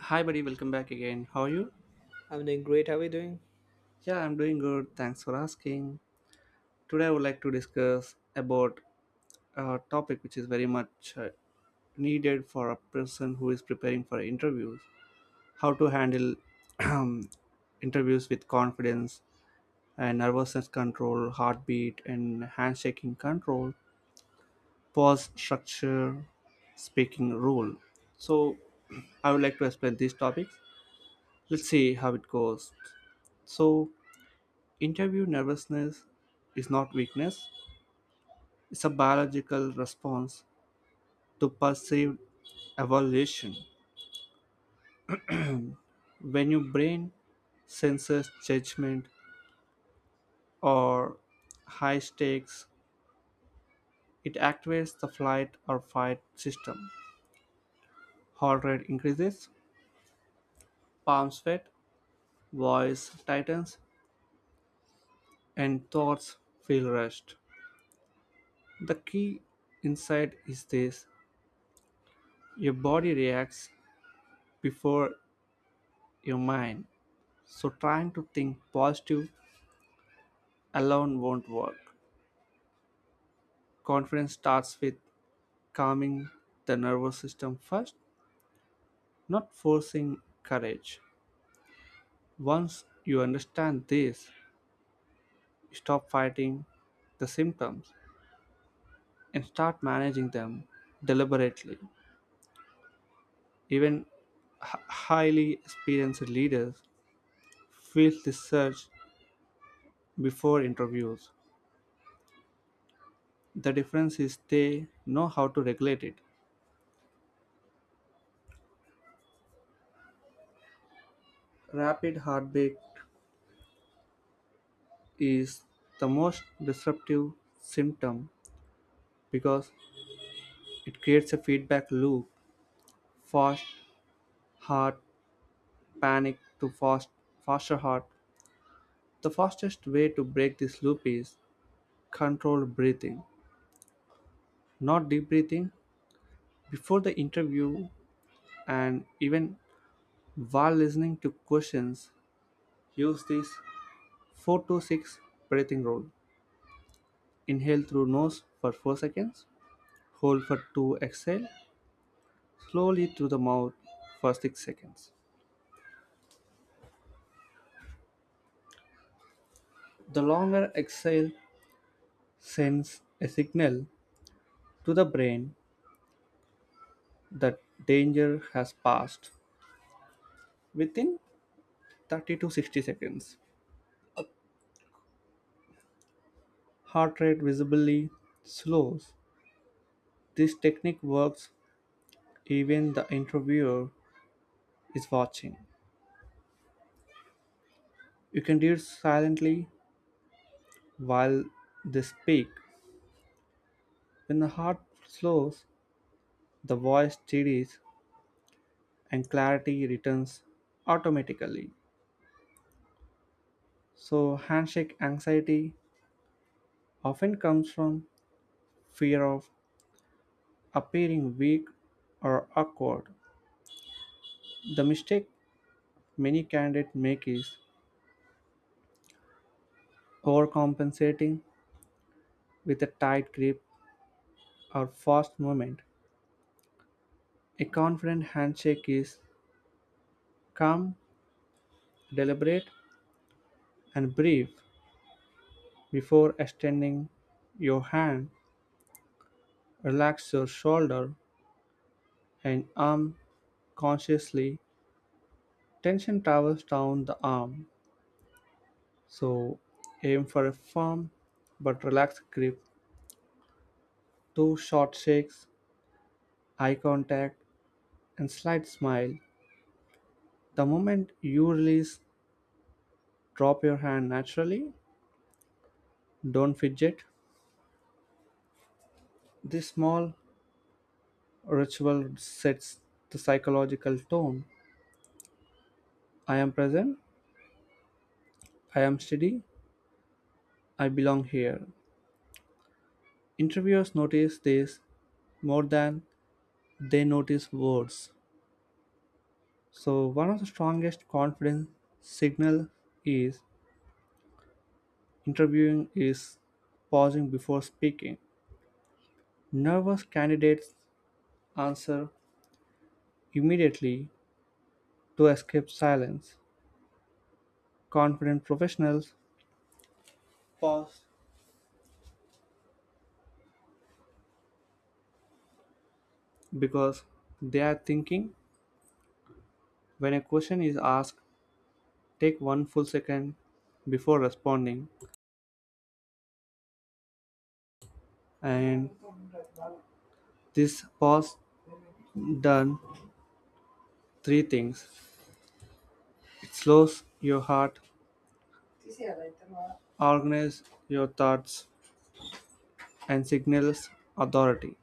Hi, buddy. Welcome back again. How are you? I'm doing great. How are you doing? Yeah, I'm doing good. Thanks for asking. Today, I would like to discuss about a topic which is very much needed for a person who is preparing for interviews. How to handle interviews with confidence and nervousness control, heartbeat and handshaking control, pause structure, speaking rule. So, I would like to explain these topics. Let's see how it goes. So, interview nervousness is not weakness, it's a biological response to perceived evaluation. When your brain senses judgment or high stakes, it activates the flight or fight system. Heart rate increases, palms sweat, voice tightens, and thoughts feel rushed. The key insight is this: your body reacts before your mind. So trying to think positive alone won't work. Confidence starts with calming the nervous system first, not forcing courage. Once you understand this, you stop fighting the symptoms and start managing them deliberately. Even highly experienced leaders feel this surge before interviews. The difference is they know how to regulate it. Rapid heartbeat is the most disruptive symptom because it creates a feedback loop: fast heart, panic to fast, faster heart. The fastest way to break this loop is controlled breathing, not deep breathing. Before the interview and even while listening to questions, use this 4 to 6 breathing rule: inhale through nose for 4 seconds, hold for 2, exhale slowly through the mouth for 6 seconds. The longer exhale sends a signal to the brain that danger has passed. Within 30 to 60 seconds, heart rate visibly slows. This technique works even the interviewer is watching. You can do it silently while they speak. When the heart slows, the voice steadies and clarity returns automatically. So, handshake anxiety often comes from fear of appearing weak or awkward. The mistake many candidates make is overcompensating with a tight grip or fast movement. A confident handshake is calm, deliberate, and brief. Before extending your hand, relax your shoulder and arm consciously. Tension travels down the arm, so aim for a firm but relaxed grip. Two short shakes, eye contact, and slight smile. The moment you release, drop your hand naturally. Don't fidget. This small ritual sets the psychological tone. I am present, I am steady, I belong here. Interviewers notice this more than they notice words. So, one of the strongest confidence signal is interviewing is pausing before speaking. Nervous candidates answer immediately, to escape silence. Confident professionals pause because they are thinking. When a question is asked, take one full second before responding, and this pause done three things. It slows your heart, organizes your thoughts, and signals authority.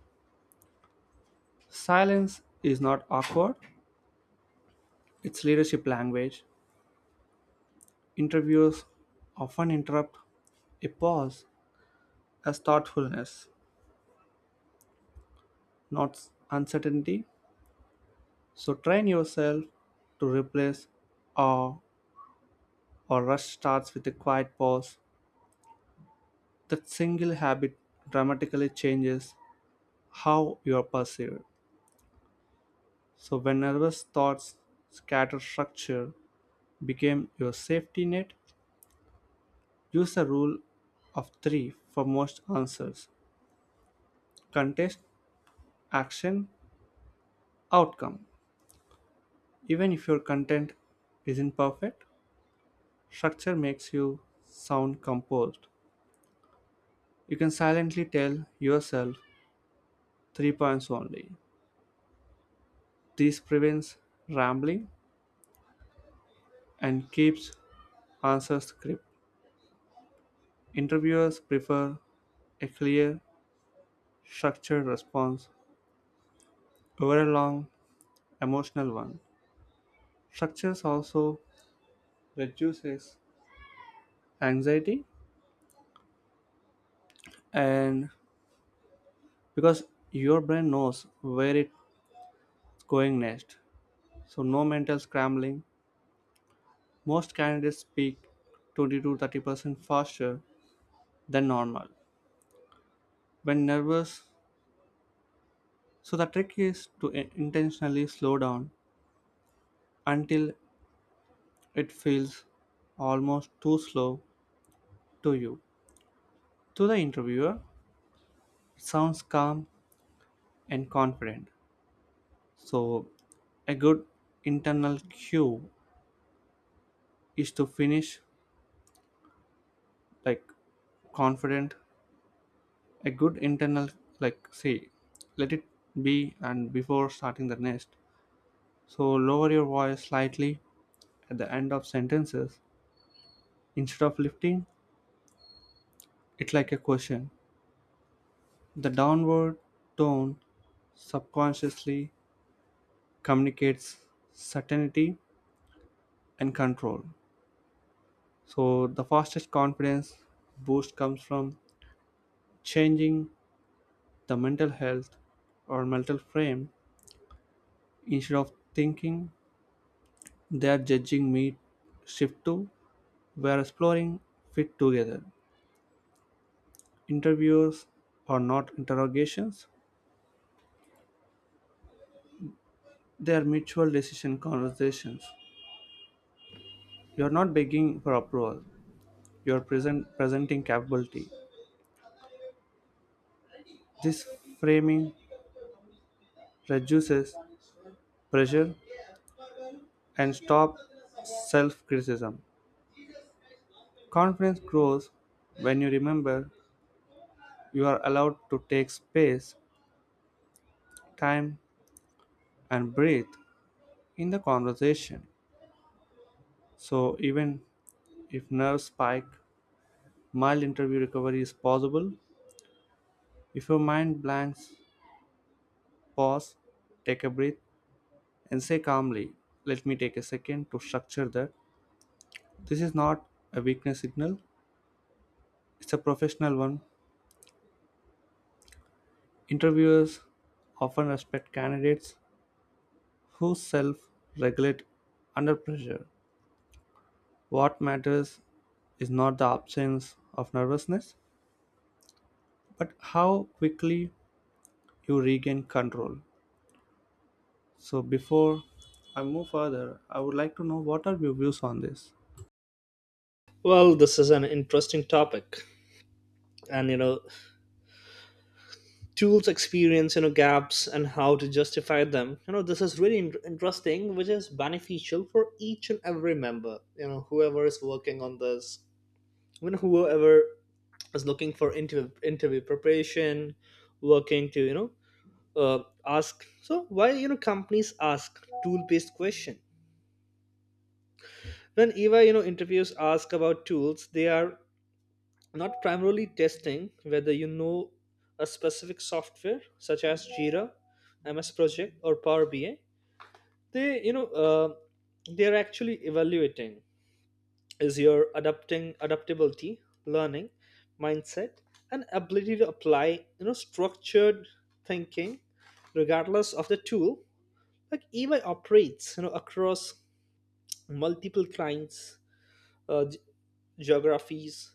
Silence is not awkward, it's leadership language. Interviewers often interrupt a pause as thoughtfulness, not uncertainty. So train yourself to replace awe or rush starts with a quiet pause. That single habit dramatically changes how you are perceived. So when nervous thoughts scatter, structure became your safety net. Use a rule of three for most answers: contest, action, outcome. Even if your content isn't perfect, structure makes you sound composed. You can silently tell yourself three points only. This prevents rambling and keeps answers crisp. Interviewers prefer a clear, structured response over a long, emotional one. Structures also reduces anxiety, and because your brain knows where it's going next, so no mental scrambling. Most candidates speak 20 to 30% faster than normal when nervous, so the trick is to intentionally slow down until it feels almost too slow to you. To the interviewer, it sounds calm and confident. So, a good internal cue is to finish like confident, a good internal like say let it be and before starting the next. So lower your voice slightly at the end of sentences instead of lifting it like a question. The downward tone subconsciously communicates certainty and control. So the fastest confidence boost comes from changing the mental health or mental frame. Instead of thinking they are judging me, shift to we are exploring fit together. Interviews are not interrogations. They are mutual decision conversations. You are not begging for approval. You are present, presenting capability. This framing reduces pressure and stops self criticism. Confidence grows when you remember you are allowed to take space, time, and breathe in the conversation. So, even if nerves spike, mild interview recovery is possible. If your mind blanks, pause, take a breath, and say calmly, "Let me take a second to structure that." This is not a weakness signal, it's a professional one. Interviewers often respect candidates who self regulate under pressure. What matters is not the absence of nervousness, but how quickly you regain control. So, before I move further, I would like to know what are your views on this? Well, this is an interesting topic. And, tools experience, gaps and how to justify them. You know, this is really interesting, which is beneficial for each and every member, whoever is working on this, whoever is looking for interview, interview preparation, working to, ask. So why, companies ask tool-based question? When EY, interviews ask about tools, they are not primarily testing whether you know a specific software such as Jira, MS Project, or Power BI. They you know uh, they're actually evaluating is your adapting adaptability, learning mindset, and ability to apply structured thinking regardless of the tool. Like EY operates, across multiple clients, uh, ge- geographies,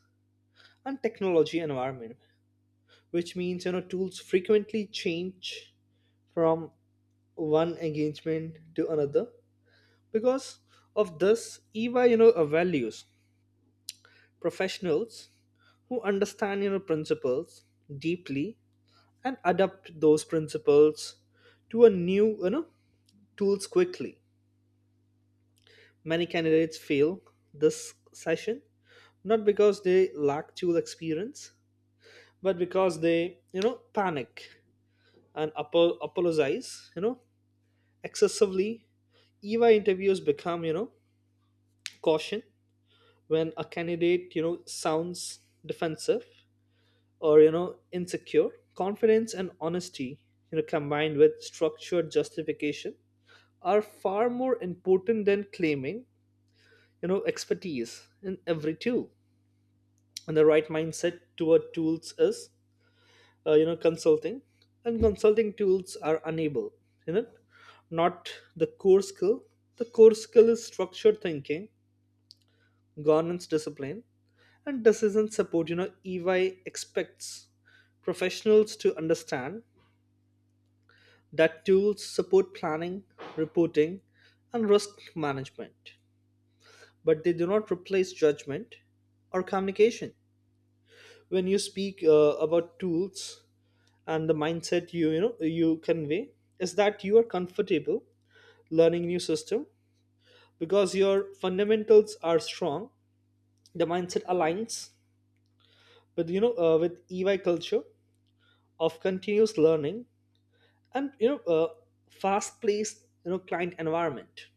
and technology environment, which means tools frequently change from one engagement to another. Because of this, eva you know values professionals who understand principles deeply and adapt those principles to a new, tools quickly. Many candidates fail this session not because they lack tool experience, but because they panic and apologize, excessively. Eva interviews become, caution when a candidate, sounds defensive or, insecure. Confidence and honesty, combined with structured justification, are far more important than claiming, expertise in every tool. And the right mindset toward tools is, consulting. And consulting tools are unable, you know, not the core skill. The core skill is structured thinking, governance discipline, and decision support. EY expects professionals to understand that tools support planning, reporting, and risk management, but they do not replace judgment or communication. When you speak about tools, and the mindset you convey is that you are comfortable learning new system because your fundamentals are strong. The mindset aligns with with EY culture of continuous learning and fast paced, client environment.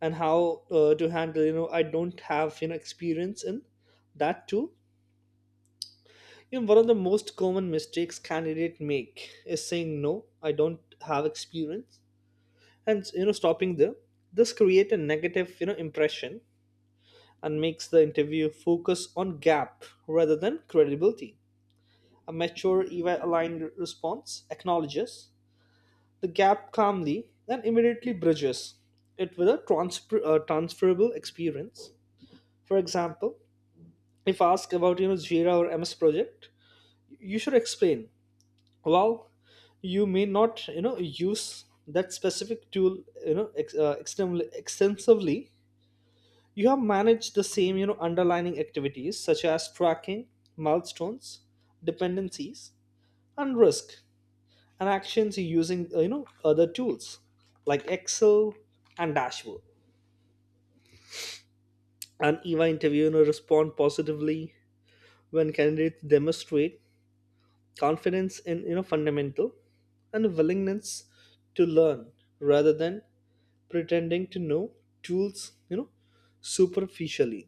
And how to handle, "I don't have, experience in that too." One of the most common mistakes candidate make is saying, "No, I don't have experience," and stopping there. This create a negative, impression and makes the interview focus on gap rather than credibility. A mature eva aligned response acknowledges the gap calmly, then immediately bridges it with a transferable experience. For example, if asked about Jira or MS Project, you should explain. Well, you may not, use that specific tool, extensively. You have managed the same, underlining activities such as tracking, milestones, dependencies, and risk and actions using, other tools like Excel and dashboard. An EY interviewer respond positively when candidates demonstrate confidence in, fundamental, and a willingness to learn rather than pretending to know tools, you know superficially.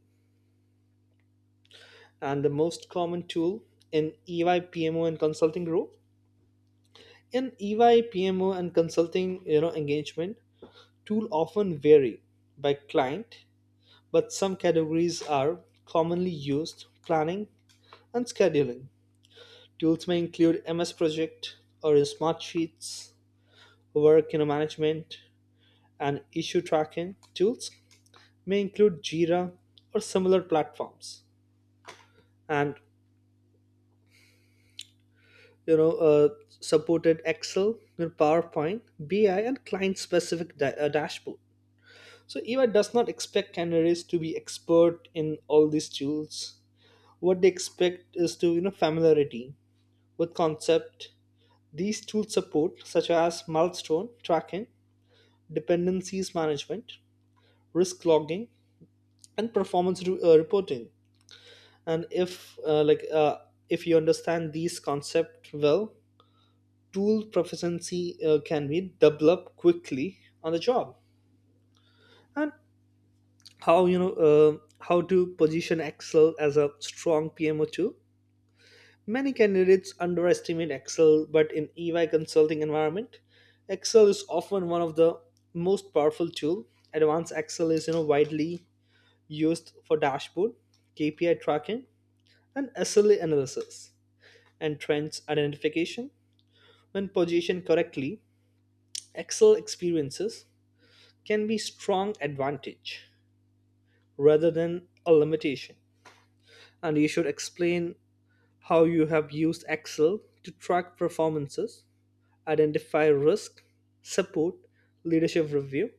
And the most common tool in EY PMO and consulting role, in EY PMO and consulting, engagement tool often vary by client. But some categories are commonly used: planning and scheduling. Tools may include MS Project or Smartsheets. Work in management and issue tracking tools may include Jira or similar platforms. And you know, uh, supported Excel, your PowerPoint, BI, and dashboard. So EY does not expect candidates to be expert in all these tools. What they expect is to, familiarity with concepts these tools support, such as milestone tracking, dependencies management, risk logging, and reporting. And if if you understand these concepts well, tool proficiency can be developed quickly on the job. And how, how to position Excel as a strong PMO tool? Many candidates underestimate Excel, but in EY consulting environment, Excel is often one of the most powerful tool. Advanced Excel is, widely used for dashboard, KPI tracking, and SLA analysis and trends identification. When positioned correctly, Excel experiences can be strong advantage rather than a limitation. And you should explain how you have used Excel to track performances, identify risk, support leadership review,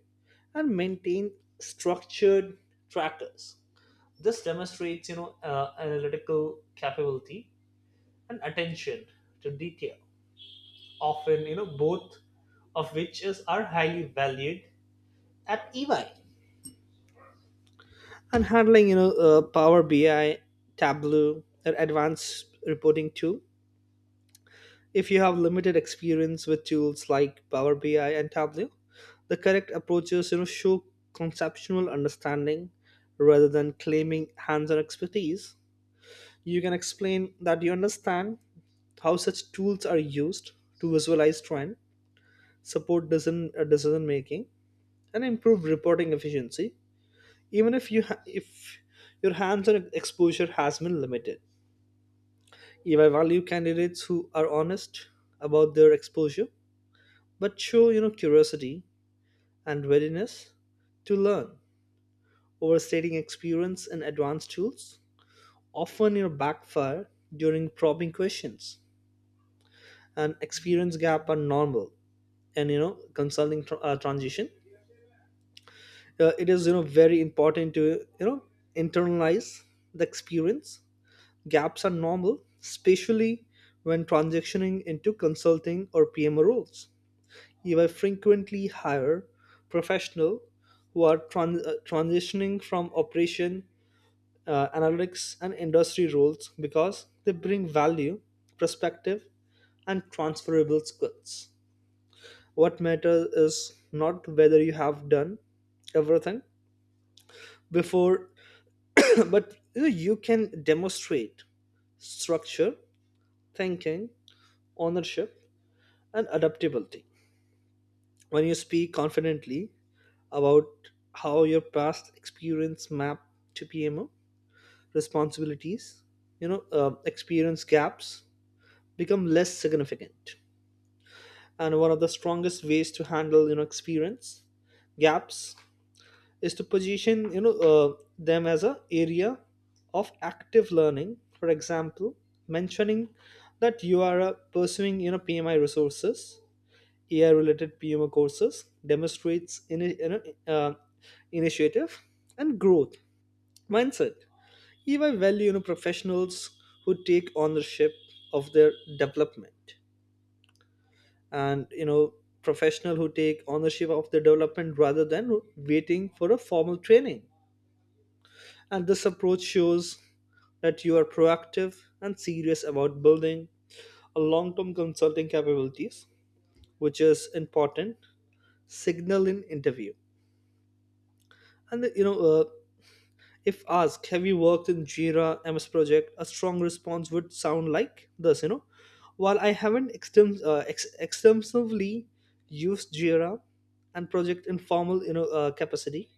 and maintain structured trackers. This demonstrates, analytical capability and attention to detail. Often, both of which is are highly valued at EY. And handling, Power BI, Tableau, or advanced reporting tool. If you have limited experience with tools like Power BI and Tableau, the correct approaches, show conceptual understanding rather than claiming hands-on expertise. You can explain that you understand how such tools are used to visualize trend, support decision making, and improve reporting efficiency. Even if if your hands-on exposure has been limited, if I value candidates who are honest about their exposure but show, curiosity and readiness to learn. Overstating experience in advanced tools often, backfire during probing questions. And experience gap are normal and, consulting transition, it is, very important to, you know internalize. The experience gaps are normal, especially when transitioning into consulting or PMO roles. You will frequently hire professionals who are transitioning from operation, analytics, and industry roles because they bring value, perspective, and transferable skills. What matters is not whether you have done everything before, but you can demonstrate structure, thinking, ownership, and adaptability. When you speak confidently about how your past experience map to PMO responsibilities, experience gaps become less significant. And one of the strongest ways to handle, experience gaps is to position, them as a area of active learning. For example, mentioning that you are pursuing, PMI resources, AI related PMO courses demonstrates uh, initiative and growth mindset. If value, professionals who take ownership of their development and, professional who take ownership of their development rather than waiting for a formal training. And this approach shows that you are proactive and serious about building a long-term consulting capabilities, which is important signal in interview. And, if asked, "Have you worked in Jira, MS Project?" A strong response would sound like this. You know, while I haven't extensively used Jira and Project in formal, capacity,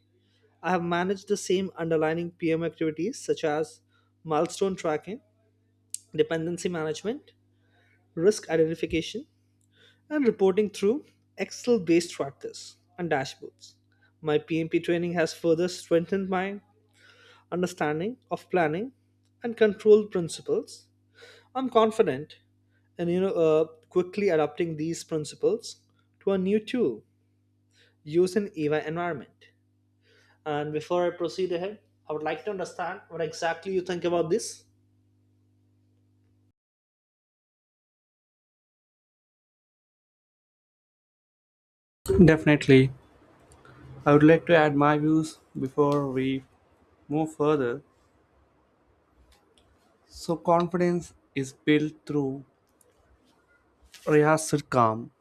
I have managed the same underlying PM activities such as milestone tracking, dependency management, risk identification, and reporting through Excel-based trackers and dashboards. My PMP training has further strengthened my understanding of planning and control principles. I'm confident in, quickly adapting these principles to a new tool used in EY environment. And before I proceed ahead, I would like to understand what exactly you think about this. Definitely. I would like to add my views before we move further. So confidence is built through rehearsed calm,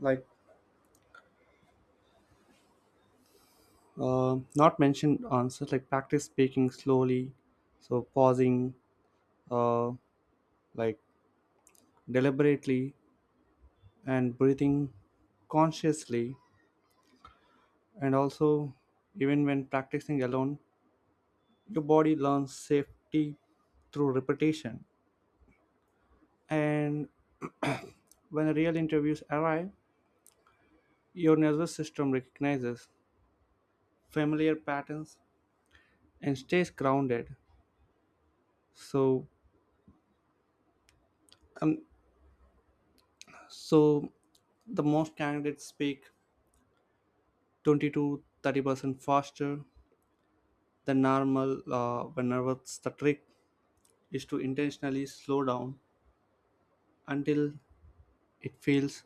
like not mentioned answers, like practice speaking slowly, so pausing, uh, like deliberately, and breathing consciously, and also even when practicing alone, your body learns safety through repetition. And when real interviews arrive, your nervous system recognizes familiar patterns and stays grounded. So um, so the most candidates speak 20 to 30% faster than normal when nervous. The trick is to intentionally slow down until it feels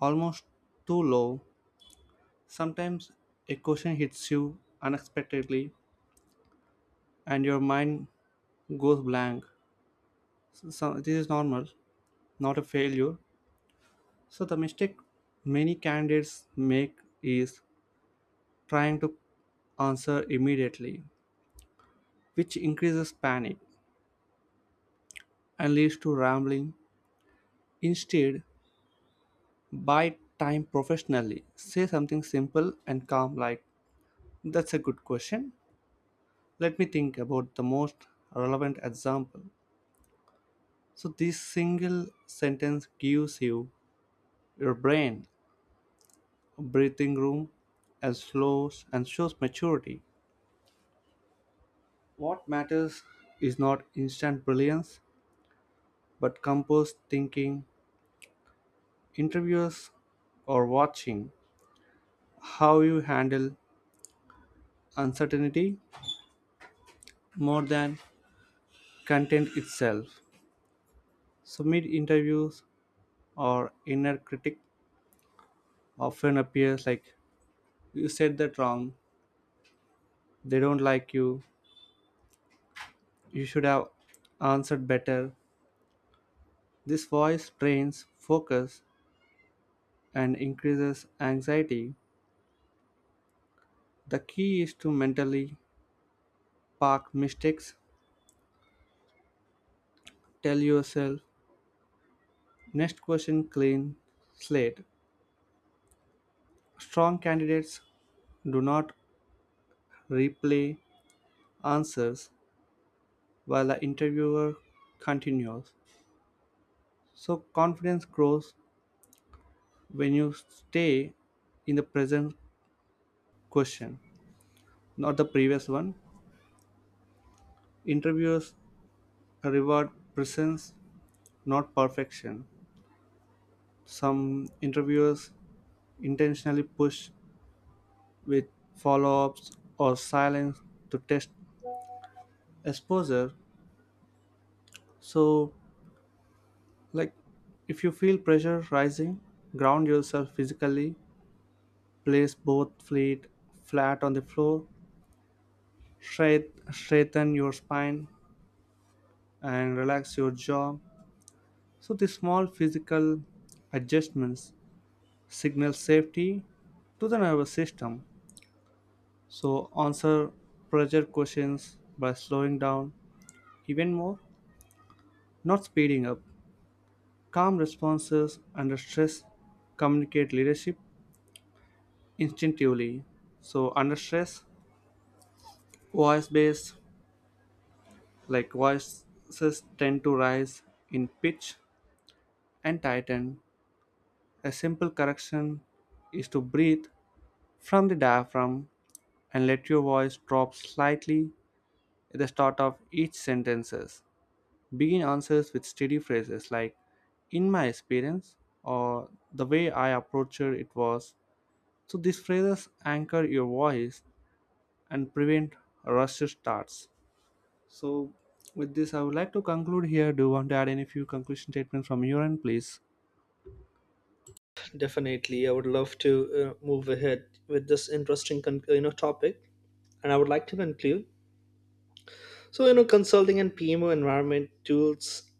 almost too low. Sometimes a question hits you unexpectedly and your mind goes blank. So this is normal, not a failure. So the mistake many candidates make is trying to answer immediately, which increases panic and leads to rambling. Instead, buy time professionally. Say something simple and calm like, "That's a good question. Let me think about the most relevant example." So, this single sentence gives you your brain breathing room as flows and shows maturity. What matters is not instant brilliance, but composed thinking. Interviewers are watching how you handle uncertainty more than content itself. So, mid interviews or inner critic often appears like: you said that wrong, they don't like you should have answered better. This voice drains focus and increases anxiety. The key is to mentally park mistakes, tell yourself next question clean slate. Strong candidates do not replay answers while the interviewer continues. So confidence grows when you stay in the present question, not the previous one. Interviewers reward presence, not perfection. Some interviewers intentionally push with follow ups or silence to test exposure. So, like if you feel pressure rising, ground yourself physically, place both feet flat on the floor straight, straighten your spine and relax your jaw. So the small physical adjustments signal safety to the nervous system. So answer pressure questions by slowing down even more, not speeding up. Calm responses under stress communicate leadership instinctively. So under stress, voice bass like voices tend to rise in pitch and tighten. A simple correction is to breathe from the diaphragm and let your voice drop slightly at the start of each sentences. Begin answers with steady phrases like "in my experience" or "the way I approached it was." So these phrases anchor your voice and prevent rushed starts. So with this I would like to conclude here. Do you want to add any few conclusion statements from your end please? Definitely, I would love to move ahead with this interesting topic, and I would like to conclude. So, you know, consulting and PMO environment tools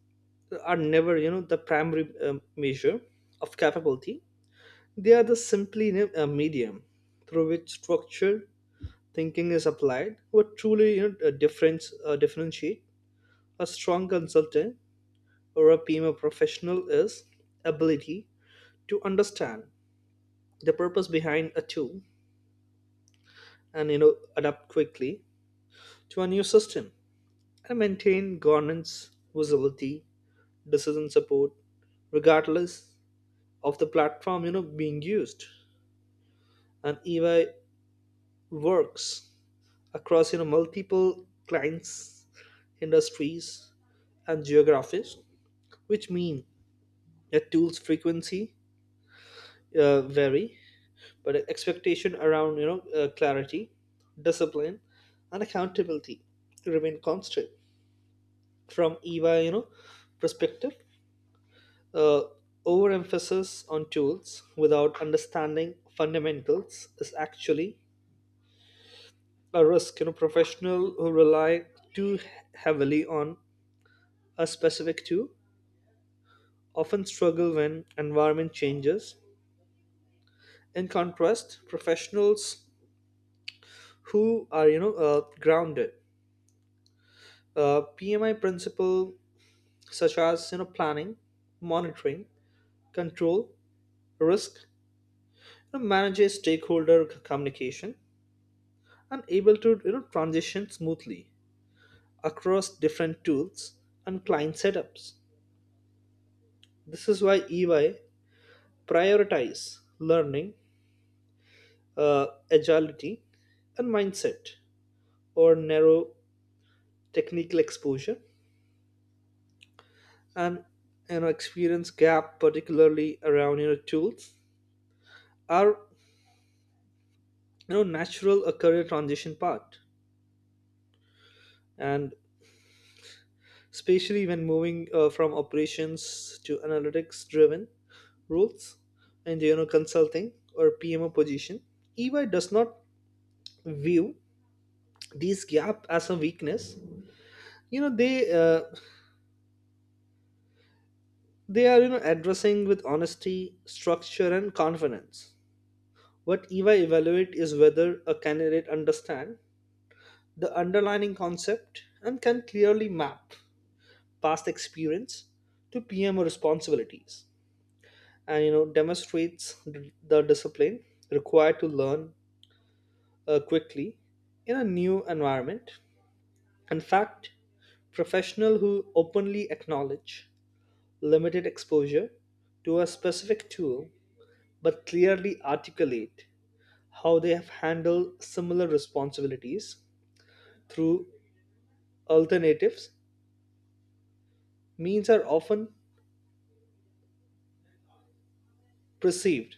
are never, the primary measure of capability. They are the simply, a medium through which structure thinking is applied. What truly, a difference differentiate a strong consultant or a PMO professional is ability to understand the purpose behind a tool and, adapt quickly to a new system and maintain governance, visibility, decision support, regardless of the platform, being used. And EY works across, multiple clients, industries, and geographies, which mean that tools frequency vary, but expectation around, clarity, discipline, and accountability remain constant. From eva you know perspective, uh, overemphasis on tools without understanding fundamentals is actually a risk. Professional who rely too heavily on a specific tool often struggle when environment changes. In contrast, professionals who are, grounded, PMI principle such as, planning, monitoring, control, risk, manages stakeholder communication, and able to, transition smoothly across different tools and client setups. This is why EY prioritize learning, agility, and mindset or narrow technical exposure. And, experience gap particularly around, tools are, natural a career transition part, and especially when moving from operations to analytics driven roles and, consulting or PMO position. EY does not view these gap as a weakness. you know they uh, they are, addressing with honesty, structure, and confidence. What EY evaluate is whether a candidate understand the underlying concept and can clearly map past experience to PMO responsibilities and, demonstrates the discipline required to learn quickly in a new environment. In fact, professional who openly acknowledge limited exposure to a specific tool but clearly articulate how they have handled similar responsibilities through alternatives, means are often perceived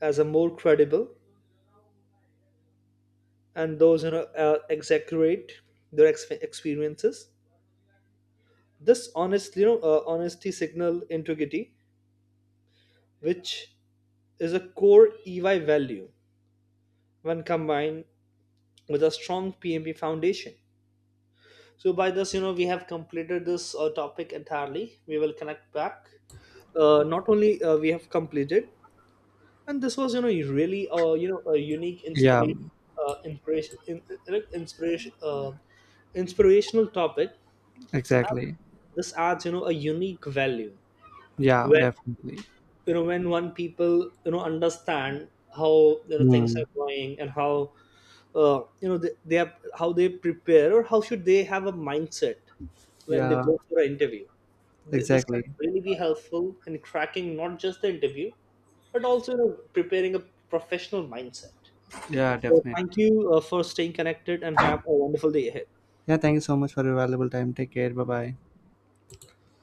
as a more credible, and those, exaggerate their experiences. This honestly, honesty signal integrity, which is a core EY value when combined with a strong PMP foundation. So by this, you know, we have completed this topic entirely. We will connect back. Not only we have completed, and this was, really a unique Yeah, inspiration, uh, inspiration in, in- inspiration uh, inspirational topic. And exactly. this adds, a unique value, Yeah, definitely. When one people, understand how, things Hmm. are going and how, they, have how they prepare or how should they have a mindset when they Yeah, go for an interview. This can exactly. really be helpful in cracking not just the interview but also, preparing a professional mindset. Yeah, So thank definitely. you for staying connected and have a wonderful day ahead. Yeah, thank you so much for your valuable time. Take care. Bye bye.